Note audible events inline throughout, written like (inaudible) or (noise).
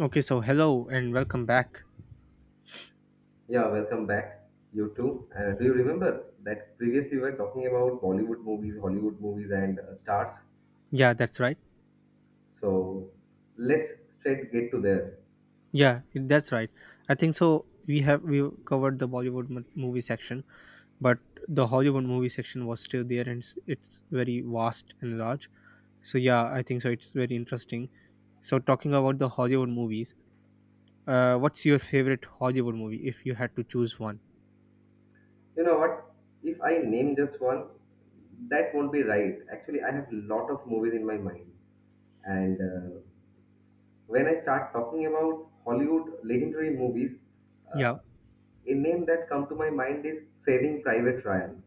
Okay, so hello and welcome back. Yeah, welcome back. You too. Do you remember that previously we were talking about Bollywood movies, Hollywood movies, and stars? Yeah, that's right. So let's straight get to there. Yeah, that's right. I think so. We covered the Bollywood movie section, but the Hollywood movie section was still there, and it's very vast and large. So yeah, I think so. It's very interesting. So talking about the Hollywood movies, what's your favorite Hollywood movie if you had to choose one? You know what? If I name just one, that won't be right. Actually, I have a lot of movies in my mind, and when I start talking about Hollywood legendary movies, Yeah. uh, a name that come to my mind is Saving Private Ryan.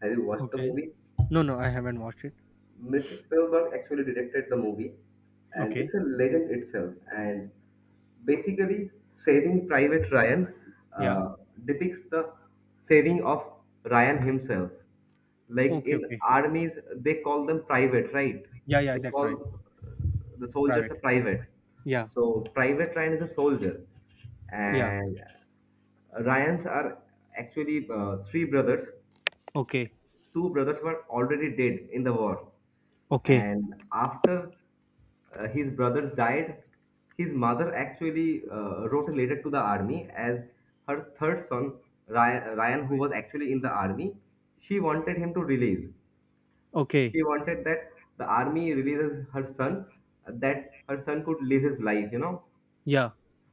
Have you watched the Okay. movie? No, no, I haven't watched it. Mr. Spielberg actually directed the movie, and Okay. it's a legend itself. And basically, Saving Private Ryan Yeah. uh, depicts the saving of Ryan himself. Like Okay. in Okay. armies, they call them private, right? Yeah. Yeah. They That's right. call uh, the soldiers Private. a private. Yeah. So, Private Ryan is a soldier, Yeah. and Ryans are actually three brothers, Okay. two brothers were already dead in the war. Okay. And after his brothers died, his mother actually wrote a letter to the army as her third son, Ryan, who was actually in the army, she wanted him to release. Okay. She wanted that the army releases her son, that her son could live his life, you know. Yeah.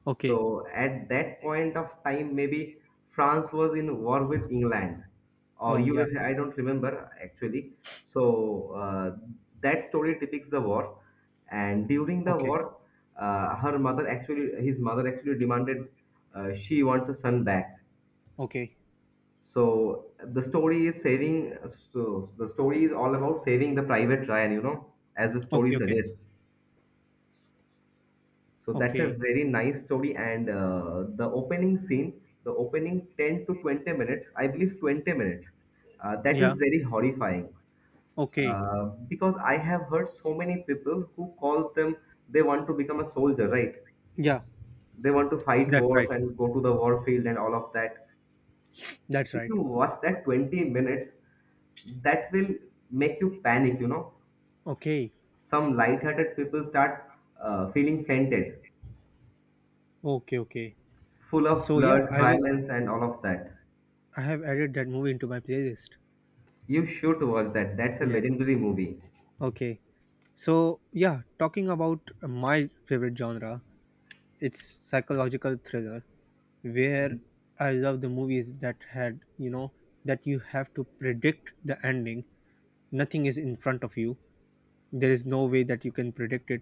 Okay. So at that point of time, maybe France was in war with England or Oh yeah. USA. I don't remember actually. So that story depicts the war, and during the Okay. war, his mother actually demanded, she wants a son back. Okay. So the story is saving. So the story is all about saving the private Ryan, you know, as the story Okay. Okay. suggests. So that's a Okay. very nice story. And the opening scene, the opening 10 to 20 minutes, I believe 20 minutes, that Yeah. is very horrifying. Okay. Because I have heard so many people who calls them, they want to become a soldier, right? Yeah. They want to fight That's wars right. and go to the warfield and all of that. That's If right. you watch that 20 minutes, that will make you panic, you know. Okay. Some light-hearted people start feeling fainted, Okay. Okay. full of So blood, yeah, I will. violence, and all of that. I have added that movie into my playlist. You should watch that. That's a Yeah. legendary movie. Okay. So yeah, talking about my favorite genre, it's psychological thriller, where I love the movies that had that you have to predict the ending. Nothing is in front of you, there is no way that you can predict it,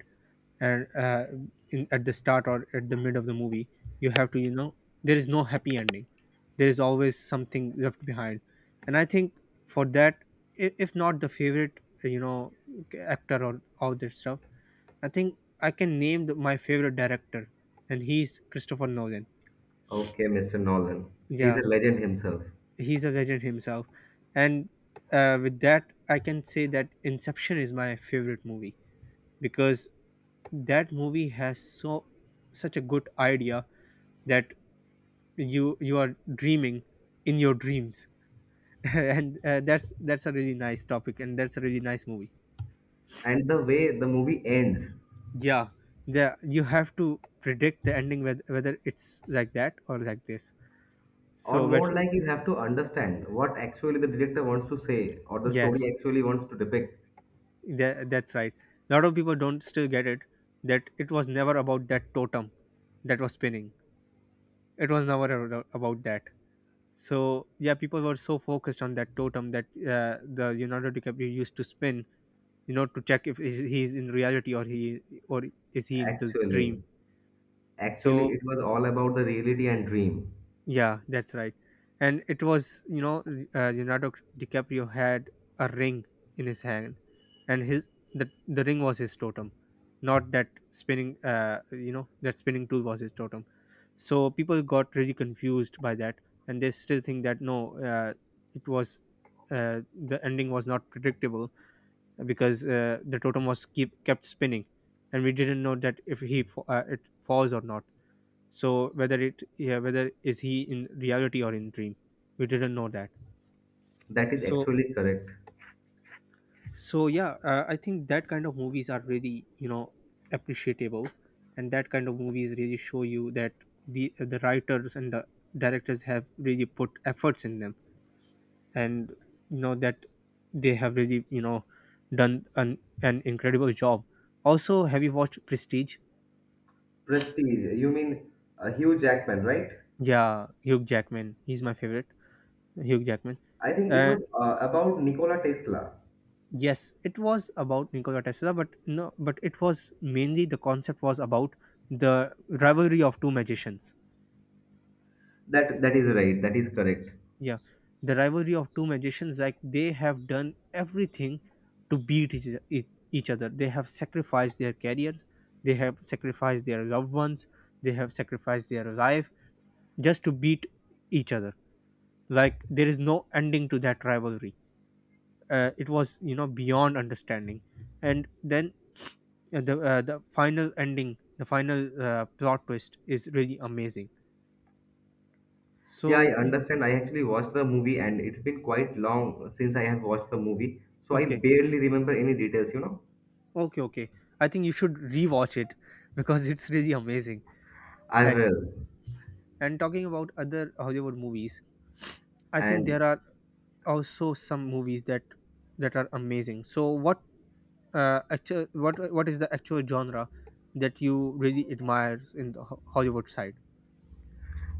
and at the start or at the mid of the movie you have to, there is no happy ending, there is always something left behind. And I think for that, if not the favorite, actor or all that stuff, I think I can name my favorite director, and he's Christopher Nolan. Okay, Mr. Nolan. He's a Yeah, legend himself. he's a legend himself. And with that I can say that Inception is my favorite movie, because that movie has such a good idea that you are dreaming in your dreams. (laughs) And that's a really nice topic, and that's a really nice movie. And the way the movie ends, Yeah, you have to predict the ending whether it's like that or like this. or So but more like you have to understand what actually the director wants to say or the yes, story actually wants to depict. That's right. A lot of people don't still get it, that it was never about that totem that was spinning. It was never about that. So yeah, people were so focused on that totem that the Leonardo DiCaprio used to spin, to check if he's in reality, or is he in the dream. Actually, actually, So it was all about the reality and dream. yeah, that's right. And it was, Leonardo DiCaprio had a ring in his hand, and the ring was his totem, not that spinning, that spinning tool was his totem. So people got really confused by that, and they still think that, no, it was, the ending was not predictable, because the totem was keep kept spinning, and we didn't know that if he it falls or not. So whether it yeah, whether is he in reality or in dream, we didn't know that. That is so actually correct. So yeah, I think that kind of movies are really, appreciable, and that kind of movies really show you that the writers and the directors have really put efforts in them, and you know that they have really done an incredible job. Also, have you watched Prestige? Prestige. You mean Hugh Jackman, right? Yeah, Hugh Jackman. He's my favorite. Hugh Jackman. I think it Uh, was about Nikola Tesla. yes, it was about Nikola Tesla, but no, but it was mainly, the concept was about the rivalry of two magicians. That is right. That is correct. Yeah, the rivalry of two magicians. Like they have done everything to beat each other. They have sacrificed their careers, they have sacrificed their loved ones, they have sacrificed their life, just to beat each other. Like there is no ending to that rivalry. It was, beyond understanding. And then the final ending the final plot twist is really amazing. Yeah, I So, Mm. understand. I actually watched the movie and it's been quite long since I have watched the movie. So I Okay, barely remember any details, you know. okay, okay. I think you should rewatch it, (laughs) because it's really amazing. I And will. Talking about other Hollywood movies, I think And there are also some movies that are amazing. So what is the actual genre that you really admire in the Hollywood side?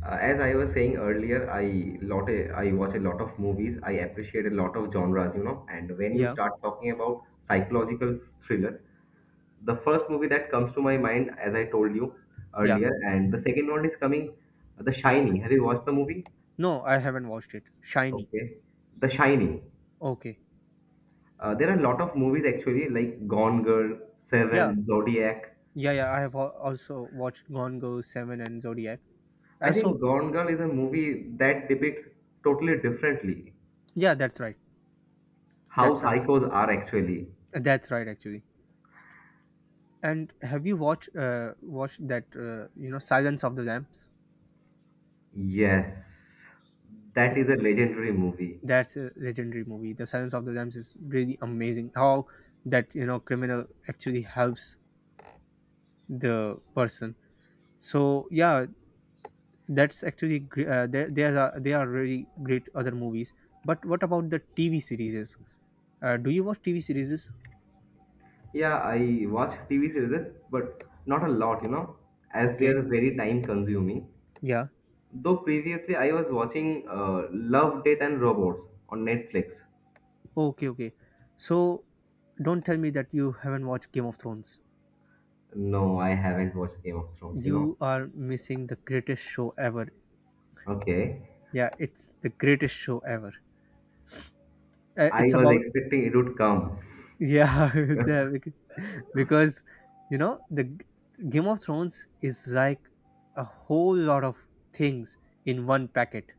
as I was saying earlier, I watch a lot of movies. I appreciate a lot of genres, you know. And when you Yeah. start talking about psychological thriller, the first movie that comes to my mind, as I told you Yeah. earlier, and the second one is coming, The Shining. Have you watched the movie? No, I haven't watched it, Shiny. Okay. The Shining. Okay. There are a lot of movies actually, like Gone Girl, yeah Seven, Zodiac. Yeah, yeah, I have also watched Gone Girl, 7, and Zodiac. I So, think Gone Girl is a movie that depicts totally differently yeah, that's right. how That's right. psychos are actually. That's right, actually. And have you watched that, Silence of the Lambs? Yes, that is It's a legendary movie. That's a legendary movie. The Silence of the Lambs is really amazing, how that, criminal actually helps the person. So yeah, that's actually there there are they are really great. Other movies. But what about the TV series? Do you watch TV series? Yeah, I watch TV series, but not a lot, you know, as they are Okay. very time consuming. Yeah. Though previously I was watching Love, Death, and Robots on Netflix. Okay, okay. So don't tell me that you haven't watched Game of Thrones. No, I haven't watched Game of Thrones, you know. You are missing the greatest show ever. Okay. Yeah, it's the greatest show ever. I It's was about, expecting it would come. yeah, (laughs) yeah. (laughs) Because, you know, the Game of Thrones is like a whole lot of things in one packet.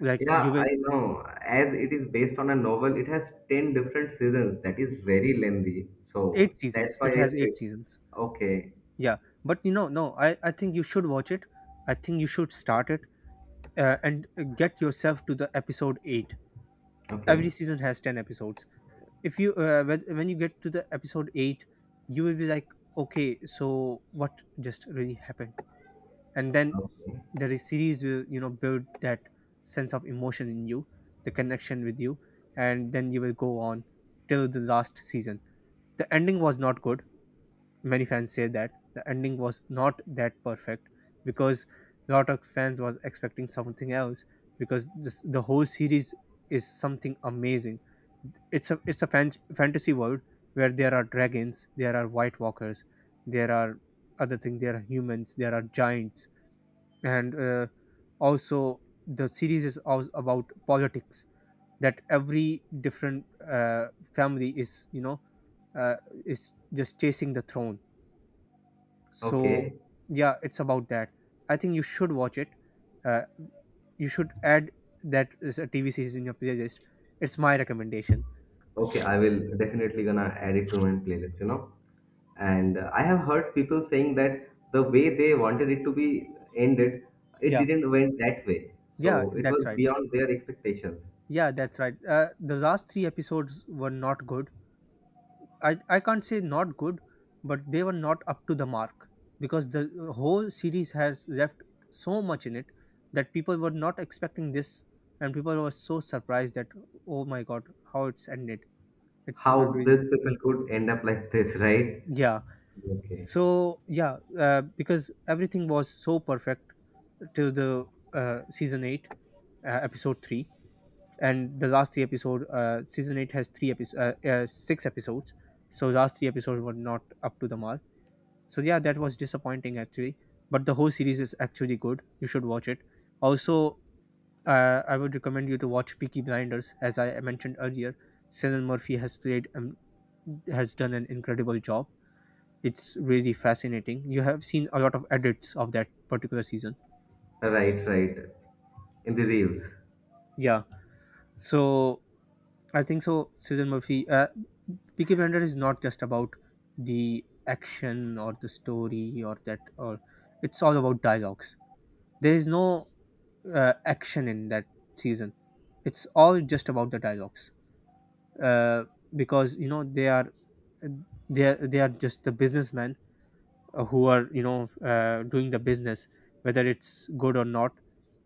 Like you Yeah, will. I know. As it is based on a novel, it has 10 different seasons. That is very lengthy. So Eight that's seasons. why It I has eight script. seasons. Okay, Yeah, but, you know, no, I think you should watch it. I think you should start it, and get yourself to the episode 8. Every okay, season has 10 episodes. If you uh, when when you get to the episode 8, you will be like, okay, so what just really happened. And then okay, the series will, build that sense of emotion in you, the connection with you, and then you will go on till the last season. The ending was not good, many fans say that the ending was not that perfect, because a lot of fans was expecting something else, because the whole series is something amazing. It's a fantasy world, where there are dragons, there are white walkers, there are other things, there are humans, there are giants. And also, the series is also about politics, that every different uh, family is you know uh, is just chasing the throne. So okay, yeah, it's about that. I think you should watch it. uh, you should add that, is a TV series, in your playlist. It's my recommendation. okay. I will definitely gonna add it to my playlist, you know. And I have heard people saying that the way they wanted it to be ended, it Yeah. didn't went that way. Yeah, So it that's was right. beyond their expectations. Yeah, that's right. The last three episodes were not good. I can't say not good, but they were not up to the mark, because the whole series has left so much in it, that people were not expecting this. And people were so surprised that, oh my god, how it's ended. It's How these really. people could end up like this, (laughs) right? Yeah, Okay. so yeah, because everything was so perfect till the season 8, episode 3. And the last three episode season 8 has three episodes six episodes. So last three episodes were not up to the mark. So yeah, that was disappointing, actually. But the whole series is actually good, you should watch it. Also, I would recommend you to watch Peaky Blinders, as I mentioned earlier. Cillian Murphy has played has done an incredible job. It's really fascinating. You have seen a lot of edits of that particular season. Right, right. In the reels. Yeah. So I think so, Susan Murphy, Peaky Blender is not just about the action or the story, or that, or, it's all about dialogues. There is no action in that season, it's all just about the dialogues. uh, because, they are, they are just the businessmen, who are, doing the business. Whether it's good or not,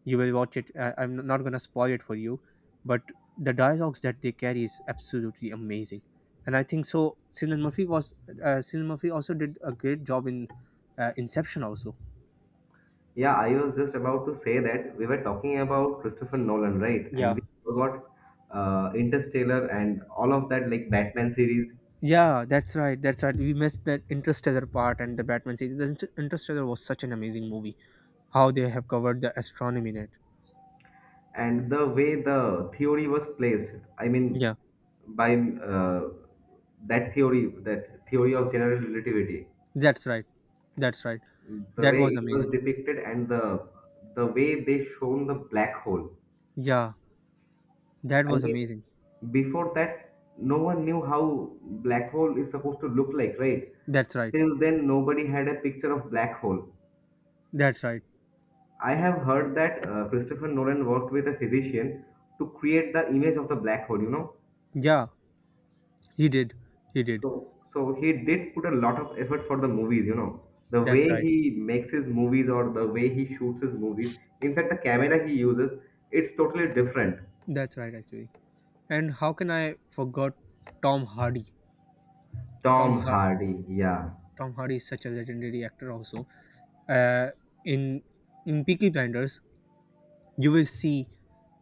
you will watch it. I'm not going to spoil it for you. But the dialogues that they carry is absolutely amazing. And I think so, Cillian Murphy also did a great job in Inception also. Yeah, I was just about to say that we were talking about Christopher Nolan, right? And Yeah. we got Interstellar and all of that, like Batman series, Yeah, that's right. That's right. We missed that Interstellar part, and the Batman series. The Interstellar was such an amazing movie, how they have covered the astronomy in it. and the way the theory was placed. I mean, Yeah, by that theory of general relativity, that's right, that's right. the That way was it was amazing. depicted and the way they shown the black hole. Yeah. That I was mean, amazing. before that, no one knew how black hole is supposed to look like, right? That's right. Till then, nobody had a picture of black hole. That's right. I have heard that Christopher Nolan worked with a physician to create the image of the black hole. You know, Yeah, he did. He did. so he did put a lot of effort for the movies. You know, the way That's right. he makes his movies or the way he shoots his movies. In fact, the camera he uses, it's totally different. That's right, actually. And how can I forgot Tom Hardy? Tom Tom Har- Hardy, yeah. Tom Hardy is such a legendary actor also. Uh in in Peaky Blinders, you will see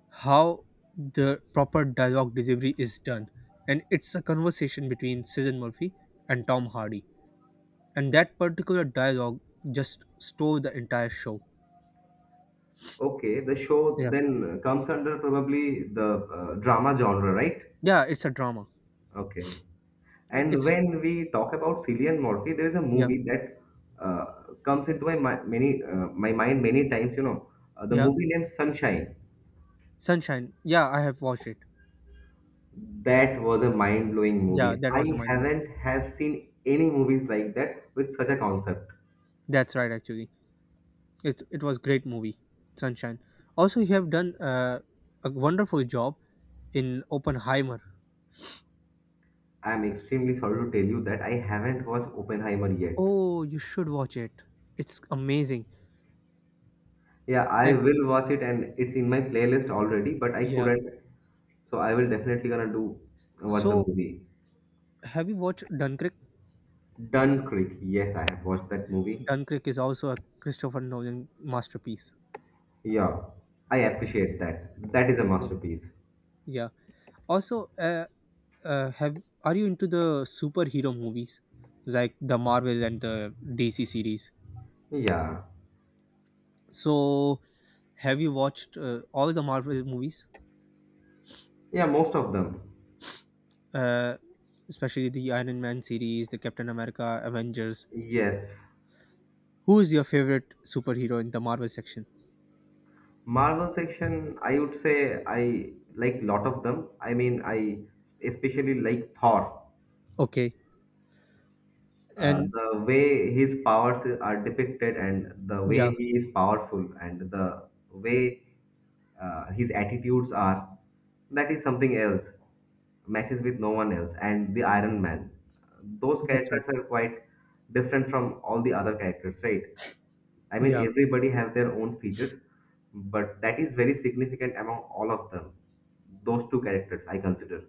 how the proper dialogue delivery is done. And it's a conversation between Cillian Murphy and Tom Hardy. And that particular dialogue just stole the entire show. Okay, the show Yeah. then comes under probably the drama genre, right? Yeah, it's a drama. Okay. And It's when we talk about Cillian Murphy, there is a Yeah. movie that uh, comes into my mi- many my mind many times. You know, the Yeah, movie named Sunshine. Sunshine. Yeah, I have watched it. That was a mind-blowing Yeah, movie. that I was a mind blow. haven't have seen any movies like that with such a concept. That's right, actually. It was great movie, Sunshine. Also, you have done a wonderful job in Oppenheimer. I'm extremely sorry to tell you that I haven't watched Oppenheimer yet. Oh, you should watch it. It's amazing. Yeah, I And will watch it and it's in my playlist already, but I yeah, couldn't. So I will definitely gonna do watch the so movie. have you watched Dunkirk? Dunkirk. Yes, I have watched that movie. Dunkirk is also a Christopher Nolan masterpiece. Yeah, I appreciate that. That is a Yeah, masterpiece. yeah. Also, have are you into the superhero movies, like the Marvel and the DC series? Yeah. So, have you watched all the Marvel movies, Yeah, most of them. uh, especially the Iron Man series, the Captain America, Avengers? Yes. Who is your favorite superhero in the Marvel section? Marvel section, I would say I like lot of them. I mean, I especially like Thor. Okay, and The way his powers are depicted and the way yeah, he is powerful and the way his attitudes are, that is something else, matches with no one else. And the Iron Man, those that's right. characters are quite different from all the other characters, right? I mean, Yeah, everybody have their own features, but that is very significant among all of them. Those two characters I consider.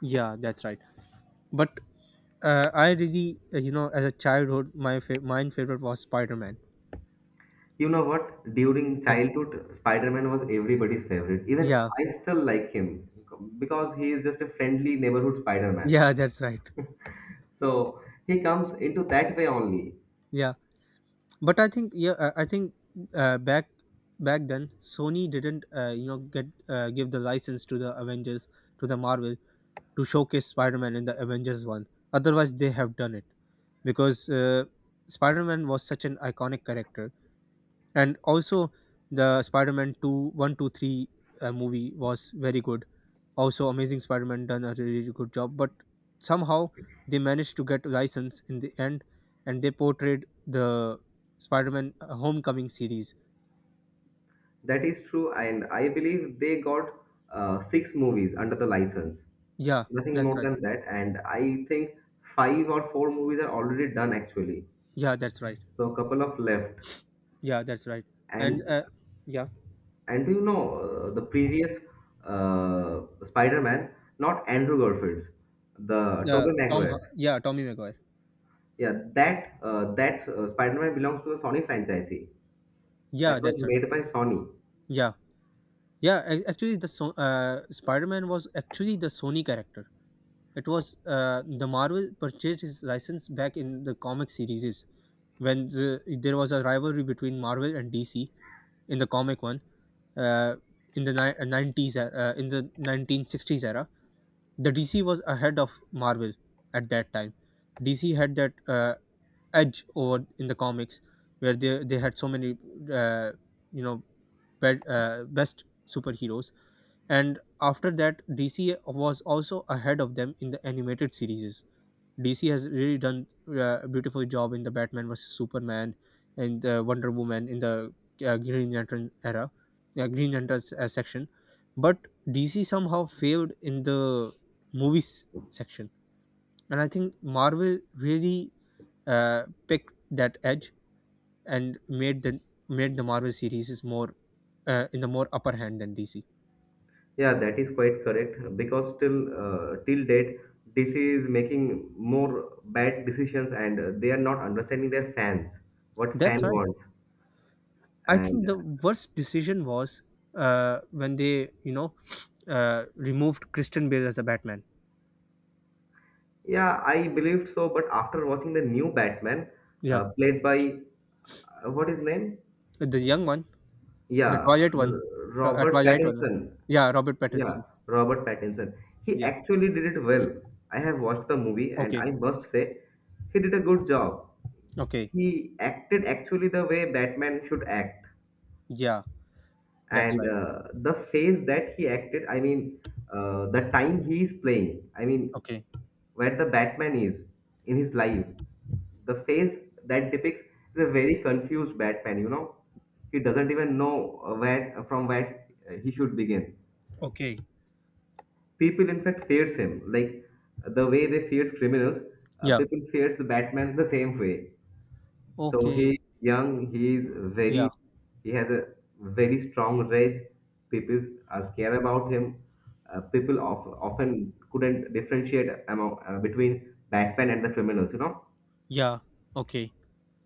yeah, that's right. But I really, as a childhood, mine favorite was Spider Man. You know what, during Yeah, childhood Spider-Man was everybody's favorite, even yeah, I still like him, because he is just a friendly neighborhood Spider-Man. yeah, (laughs) that's right. So he comes into that way only. Yeah, but I think uh, back back then Sony didn't, you know get give the license to the Avengers, to the Marvel, to showcase Spider-Man in the Avengers one. Otherwise they have done it, because Spider-Man was such an iconic character. And also the Spider-Man 2 1, 2, 3 movie was very good. Also, Amazing Spider-Man done a really really good job, but somehow they managed to get license in the end, and they portrayed the Spider-Man Homecoming series. That is true, and I believe they got six movies under the license, Yeah, nothing that's more right. than that. And I think five or four movies are already done actually, Yeah, that's right. so a couple of left. Yeah, that's right. and And uh, yeah, and do you know the previous Spider-Man, not Andrew Garfield's, the Tobey the Maguire's. Tommy Maguire. Yeah, that Spider-Man belongs to the Sony franchisee. That Yeah, was that's right. made by Sony. Yeah, yeah, actually, the Spider-Man was actually the Sony character. It was, the Marvel purchased his license back in the comic series, when there was a rivalry between Marvel and DC in the comic one. Uh, in the 90s, in the 1960s era, the DC was ahead of Marvel at that time. DC had that edge over in the comics, where they had so many, uh, you know best superheroes. And after that, DC was also ahead of them in the animated series. DC has really done a beautiful job in the Batman versus Superman and the Wonder Woman, in the Green Lantern era, Green Lantern section. But DC somehow failed in the movies section, and I think Marvel really uh, picked that edge and made the Marvel series is more, in the more upper hand than DC. Yeah, that is quite correct because till date, DC is making more bad decisions and they are not understanding their fans, what fan That's right. wants. I And think the worst decision was, when they, removed Christian Bale as a Batman. yeah, I believed so, but after watching the new Batman, Yeah, played by what is name? the young one, the Yeah, Twilight one, tw- uh, Robert Twilight one. uh, Pattinson. Yeah, Robert Yeah, Pattinson. Robert Pattinson. He Yeah. actually did it well. I have watched the movie and Okay. I must say he did a good job. Okay. He acted actually the way Batman should act, Yeah, that's and right. The phase that he acted, I mean, the time he is playing, I mean, Okay. where the Batman is in his life, the phase that depicts the very confused Batman. You know, he doesn't even know where from where he should begin. Okay. People, in fact, fears him like the way they fears criminals. Yeah. People fears the Batman the same way. So Okay. he young, he is Yeah. very, he has a very strong rage. People are scared about him. People often couldn't differentiate among between Batman and the criminals, you know. Yeah. Okay.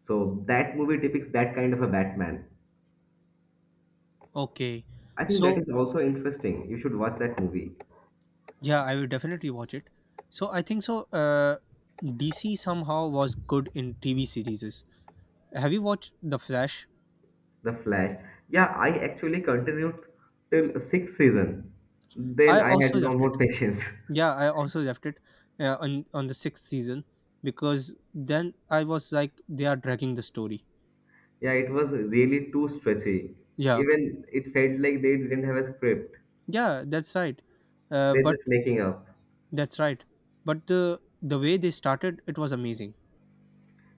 So that movie depicts that kind of a Batman. Okay. I think that So is also interesting. You should watch that movie. yeah, I will definitely watch it. So I think so. DC somehow was good in TV series. Have you watched The Flash? The Flash. Yeah, I actually continued till sixth season. Then I I had also no left it. more patience. (laughs) Yeah, I also left it, on the sixth season, because then I was like, they are dragging the story. Yeah, it was really too stretchy. Yeah, Even it felt like they didn't have a script. yeah, that's right. They're But just making up. that's right. But the way they started, it was amazing.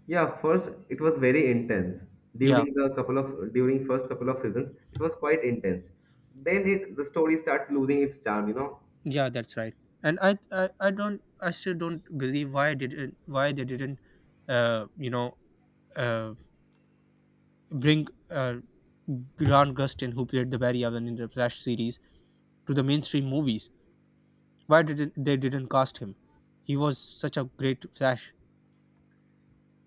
Yeah, first it was very intense. Yeah, During first couple of seasons, it was quite intense. Then it the story starts losing its charm, you know. yeah, that's right. And I still don't believe why did not why they didn't, uh, you know uh, bring, Grant Gustin, who played the Barry Allen in the Flash series, to the mainstream movies. Why they didn't cast him? He was such a great Flash.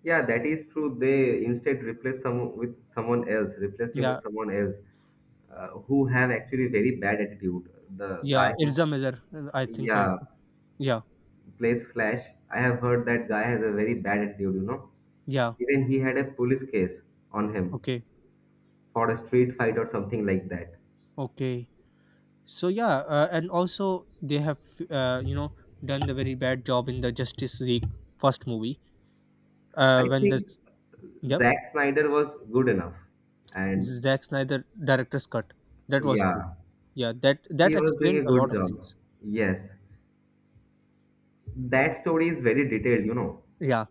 Yeah, that is true. They instead replaced him with Yeah, someone else, who have actually very bad attitude. The yeah. guy who, Irza Mizar, I think so. yeah, Yeah, plays Flash. I have heard that guy has a very bad attitude, you know. yeah. Even he had a police case on him Okay, for a street fight or something like that. okay. So yeah, and also they have, uh, you know done the very bad job in the Justice League first movie. I When think this, yep, Zack Snyder was good enough. And Zack Snyder director's cut. That was good. yeah, Yeah, that he was doing a explained a good lot of job. things. Yes. That story is very detailed, you know, Yeah,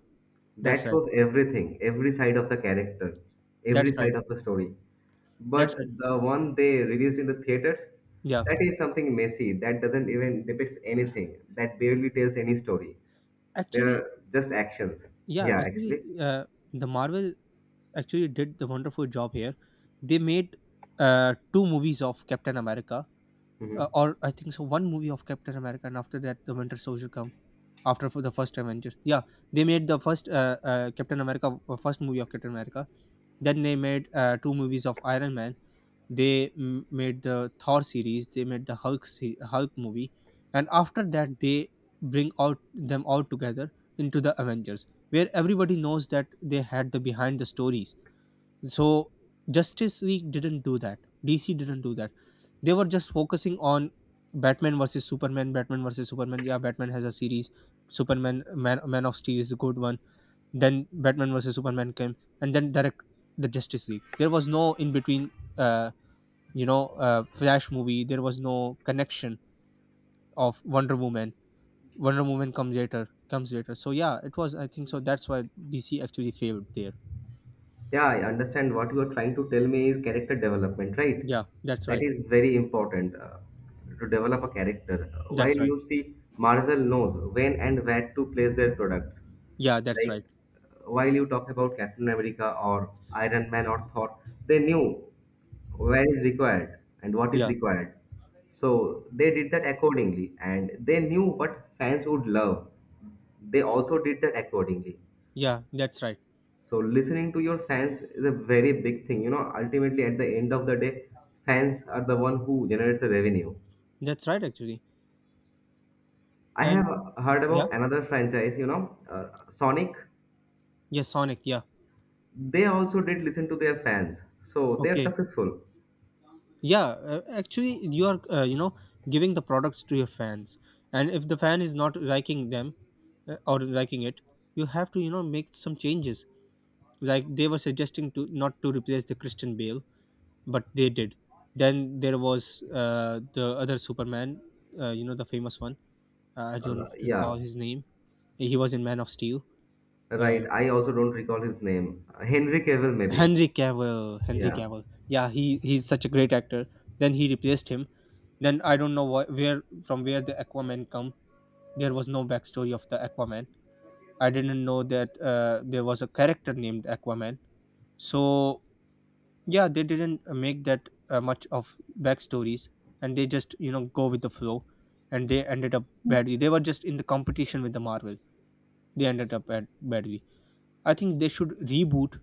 that's that right. shows everything, every side of the character, every That's right. side of the story, but That's right. the one they released in the theaters, Yeah. that is something messy, that doesn't even depicts anything, that barely tells any story, they are Actually, just actions, yeah, yeah actually, actually. uh, the Marvel actually did the wonderful job here. They made two movies of Captain America, Mhm. Or I think so, one movie of Captain America, and after that, the Winter Soldier come after for the first Avengers. Yeah, they made the first, Captain America, first movie of Captain America. Then they made two movies of Iron Man. They made the Thor series. They made the Hulk movie, and after that, they bring out them all together into the Avengers, where everybody knows that they had the behind the stories. So Justice League didn't do that. DC didn't do that. They were just focusing on Batman versus Superman, Batman versus Superman. Yeah, Batman has a series. Superman, Man of Steel is a good one. Then Batman versus Superman came and then direct the Justice League. There was no in between, uh Flash movie. There was no connection of Wonder Woman. Wonder Woman comes later. So yeah, it was I think so, that's why DC actually failed there. Yeah, I understand what you are trying to tell me is character development, right? Yeah, that's That right. is very important to develop a character. While That's right. you see, Marvel knows when and where to place their products. Yeah, that's right. Like while you talk about Captain America or Iron Man or Thor, they knew where is required and what is Yeah. required. So they did that accordingly, and they knew what fans would love. They also did that accordingly. Yeah, that's right. So listening to your fans is a very big thing. You know, ultimately at the end of the day, fans are the one who generates the revenue. That's right, actually. I have And heard yeah, about another franchise, Sonic. yeah, Sonic. Yeah, They also did listen to their fans, so they are okay. successful. Yeah, actually, you are, giving the products to your fans, and if the fan is not liking them, or liking it, you have to, make some changes. Like they were suggesting to not to replace the Christian Bale, but they did. Then there was, the other Superman, the famous one. I don't recall Yeah, his name. He was in Man of Steel. right. Uh, I also don't recall his name. Henry Cavill, maybe. Henry Cavill, Henry Yeah. Cavill. Yeah, he's such a great actor. Then he replaced him. Then I don't know why, where from where the Aquaman come. There was no backstory of the Aquaman. I didn't know that, there was a character named Aquaman. So yeah, they didn't make that, much of backstories, and they just, go with the flow, and they ended up badly. They were just in the competition with the Marvel. They ended up badly. I think they should reboot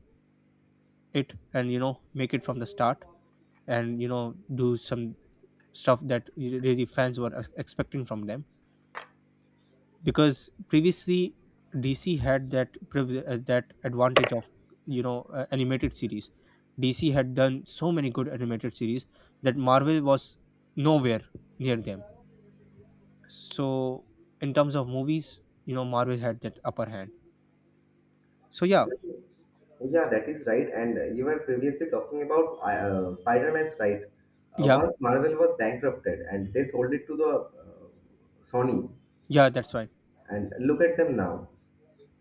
it, and make it from the start, and do some stuff that really fans were expecting from them, because previously DC had that privilege, that advantage of, animated series. DC had done so many good animated series that Marvel was nowhere near them. So in terms of movies, Marvel had that upper hand. So yeah, Yeah, that is right. And you were previously talking about Spider-Man's right. Yeah, Once Marvel was bankrupted and they sold it to the Sony, yeah, that's right. and look at them now.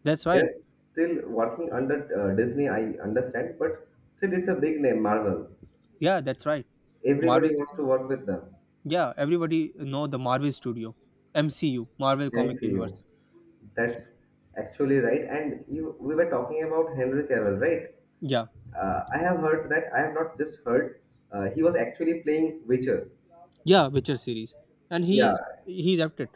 That's They're right. still working under Disney, I understand, but still it's a big name, Marvel. Yeah, that's right. marvel Everybody wants to work with them. Yeah, everybody know the Marvel Studio, MCU, Marvel Comic MCU. Universe. That's actually right. We were talking about Henry Cavill, right? Yeah, I have heard that. I have not just heard. He was actually playing Witcher. yeah, Witcher series, and Yeah. he left it.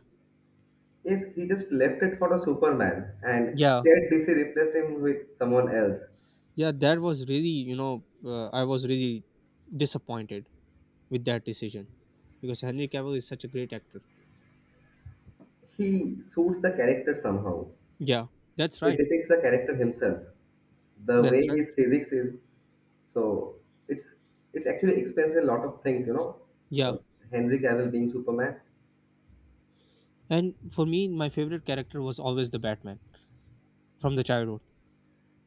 Yes, he just left it for the Superman, and Yeah, here DC replaced him with someone else. yeah, that was really, I was really disappointed with that decision, because Henry Cavill is such a great actor. He suits the character somehow. Yeah, that's He right. depicts the character himself. The way That's right. is physics is so it's it's actually explains a lot of things, you know, uh, Yeah, Henry Cavill being Superman. and for me, my favorite character was always the Batman, from the childhood.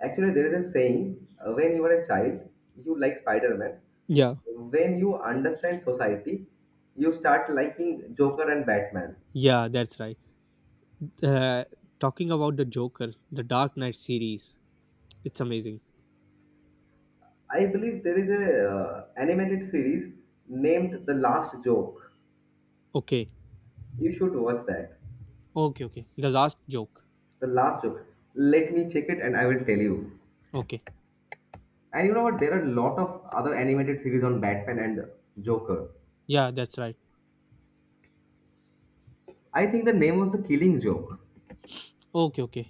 Actually there is a saying, when you are a child you like Spider-Man, Yeah, when you understand society you start liking Joker and Batman. yeah, that's right. Uh, Talking about the Joker, the Dark Knight series, it's amazing. I believe there is a animated series named The Last Joke. Okay, You should watch that. okay, okay. The last joke. The Last Joke. Let me check it and I will tell you. Okay. And you know what? There are a lot of other animated series on Batman and Joker. Yeah, that's right. I think the name was The Killing Joke. Okay, okay.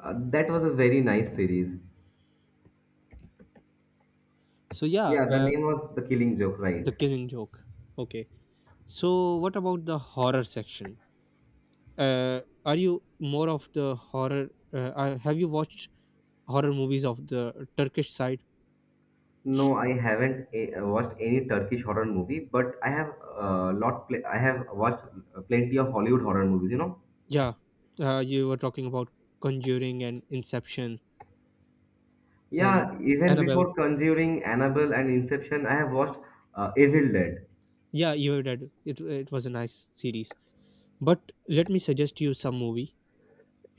That was a very nice series. So yeah, Yeah, the name was The Killing Joke, right? the killing joke. Okay. So what about the horror section? Are you more of the horror? Have you watched horror movies of the Turkish side? No, I haven't watched any Turkish horror movie, but I have I have watched plenty of Hollywood horror movies. You know, Yeah. You were talking about Conjuring and Inception and yeah, even Annabelle. before Conjuring, Annabelle, and Inception, I have watched Evil Dead. Yeah, you were dead. It was a nice series. But let me suggest you some movie,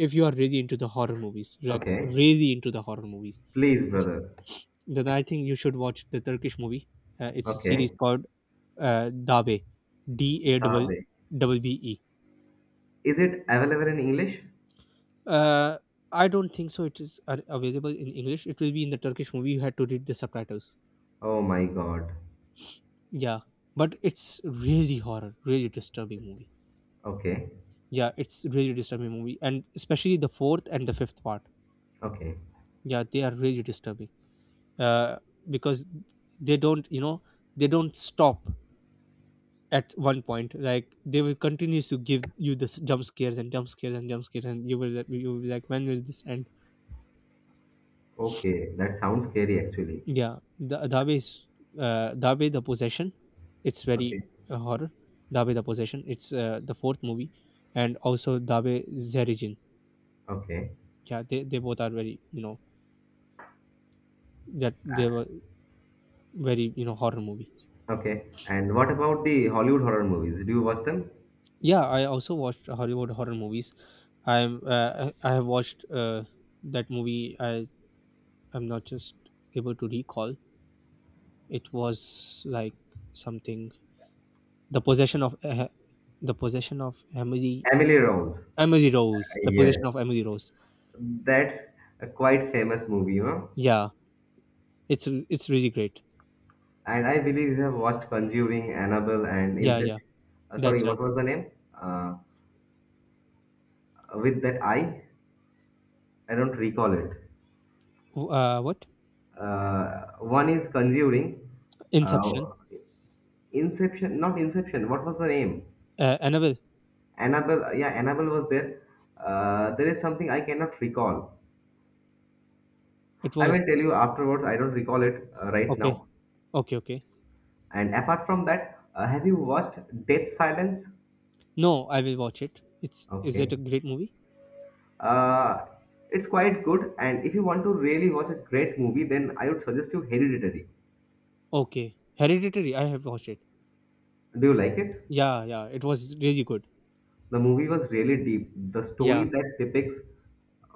if you are really into the horror movies, like Okay, really into the horror movies, please, th- brother. then I think you should watch the Turkish movie. It's a series Okay, called, Dabe, D A double Tabe. double B E. Is it available in English? Uh, I don't think so. It is, available in English. It will be in the Turkish movie. You had to read the subtitles. Oh my God. Yeah, but it's really horror, really disturbing movie. Okay. Yeah, it's really disturbing movie, and especially the fourth and the fifth part. Okay. Yeah, they are really disturbing. uh, because they don't you know they don't stop at one point, like they will continue to give you this jump scares and jump scares and jump scares, and you will be like, when will this end? Okay. That sounds scary, actually. Yeah, the Dabe is, Dabe the Possession, it's very, Okay. Horror. Dabe the Possession, it's, the fourth movie. And also Dabe Zerijin. Okay. Yeah, they both are very, that Uh, they were very, horror movies. okay. And what about the Hollywood horror movies? Do you watch them? Yeah, I also watched Hollywood horror movies. I have watched, that movie. I'm not just able to recall. It was like something, the possession of uh, the possession of Emily Em- Rose. Emily Rose. The possession of Yes. Emily Rose. That's a quite famous movie, you know. Yeah, it's really great. And I believe you have watched Conjuring, Annabelle, and Yeah, yeah, Inception. Sorry, that's what right. was the name? Uh, with that I? I don't recall it. What One is Conjuring. Inception? Uh, Inception, not Inception. What was the name? Annabelle. Annabelle, yeah, Annabelle was there. There is something I cannot recall. It I was will tell you afterwards. I don't recall it right okay, now. okay, okay. And apart from that, have you watched Death Silence? No, I will watch it. It's Is it Okay. a great movie? Uh, it's quite good. And if you want to really watch a great movie, then I would suggest you Hereditary. Okay. Hereditary, I have watched it. Do you like it? Yeah, yeah, it was really good. The movie was really deep. The story Yeah, that depicts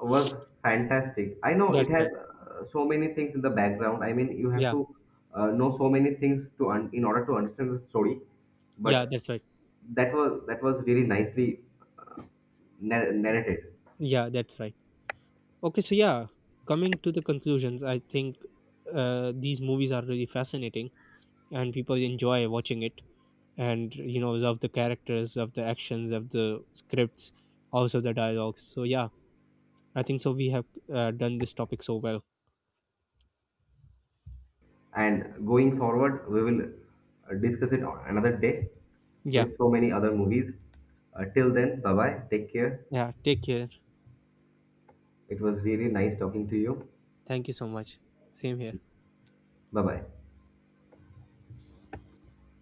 was fantastic. I know it that's has right. So many things in the background. I mean, you have Yeah, to know so many things to in order to understand the story, yeah, but that's right. that was really nicely uh, narrated. Yeah, that's right. Okay, so yeah, coming to the conclusions, I think, these movies are really fascinating, and people enjoy watching it, and love the characters, of the actions, of the scripts, also the dialogues. So yeah, I think so we have, done this topic so well. And going forward, we will discuss it on another day Yeah, with so many other movies. Till then, bye bye. Take care. yeah, take care. It was really nice talking to you. Thank you so much. Same here. Bye bye.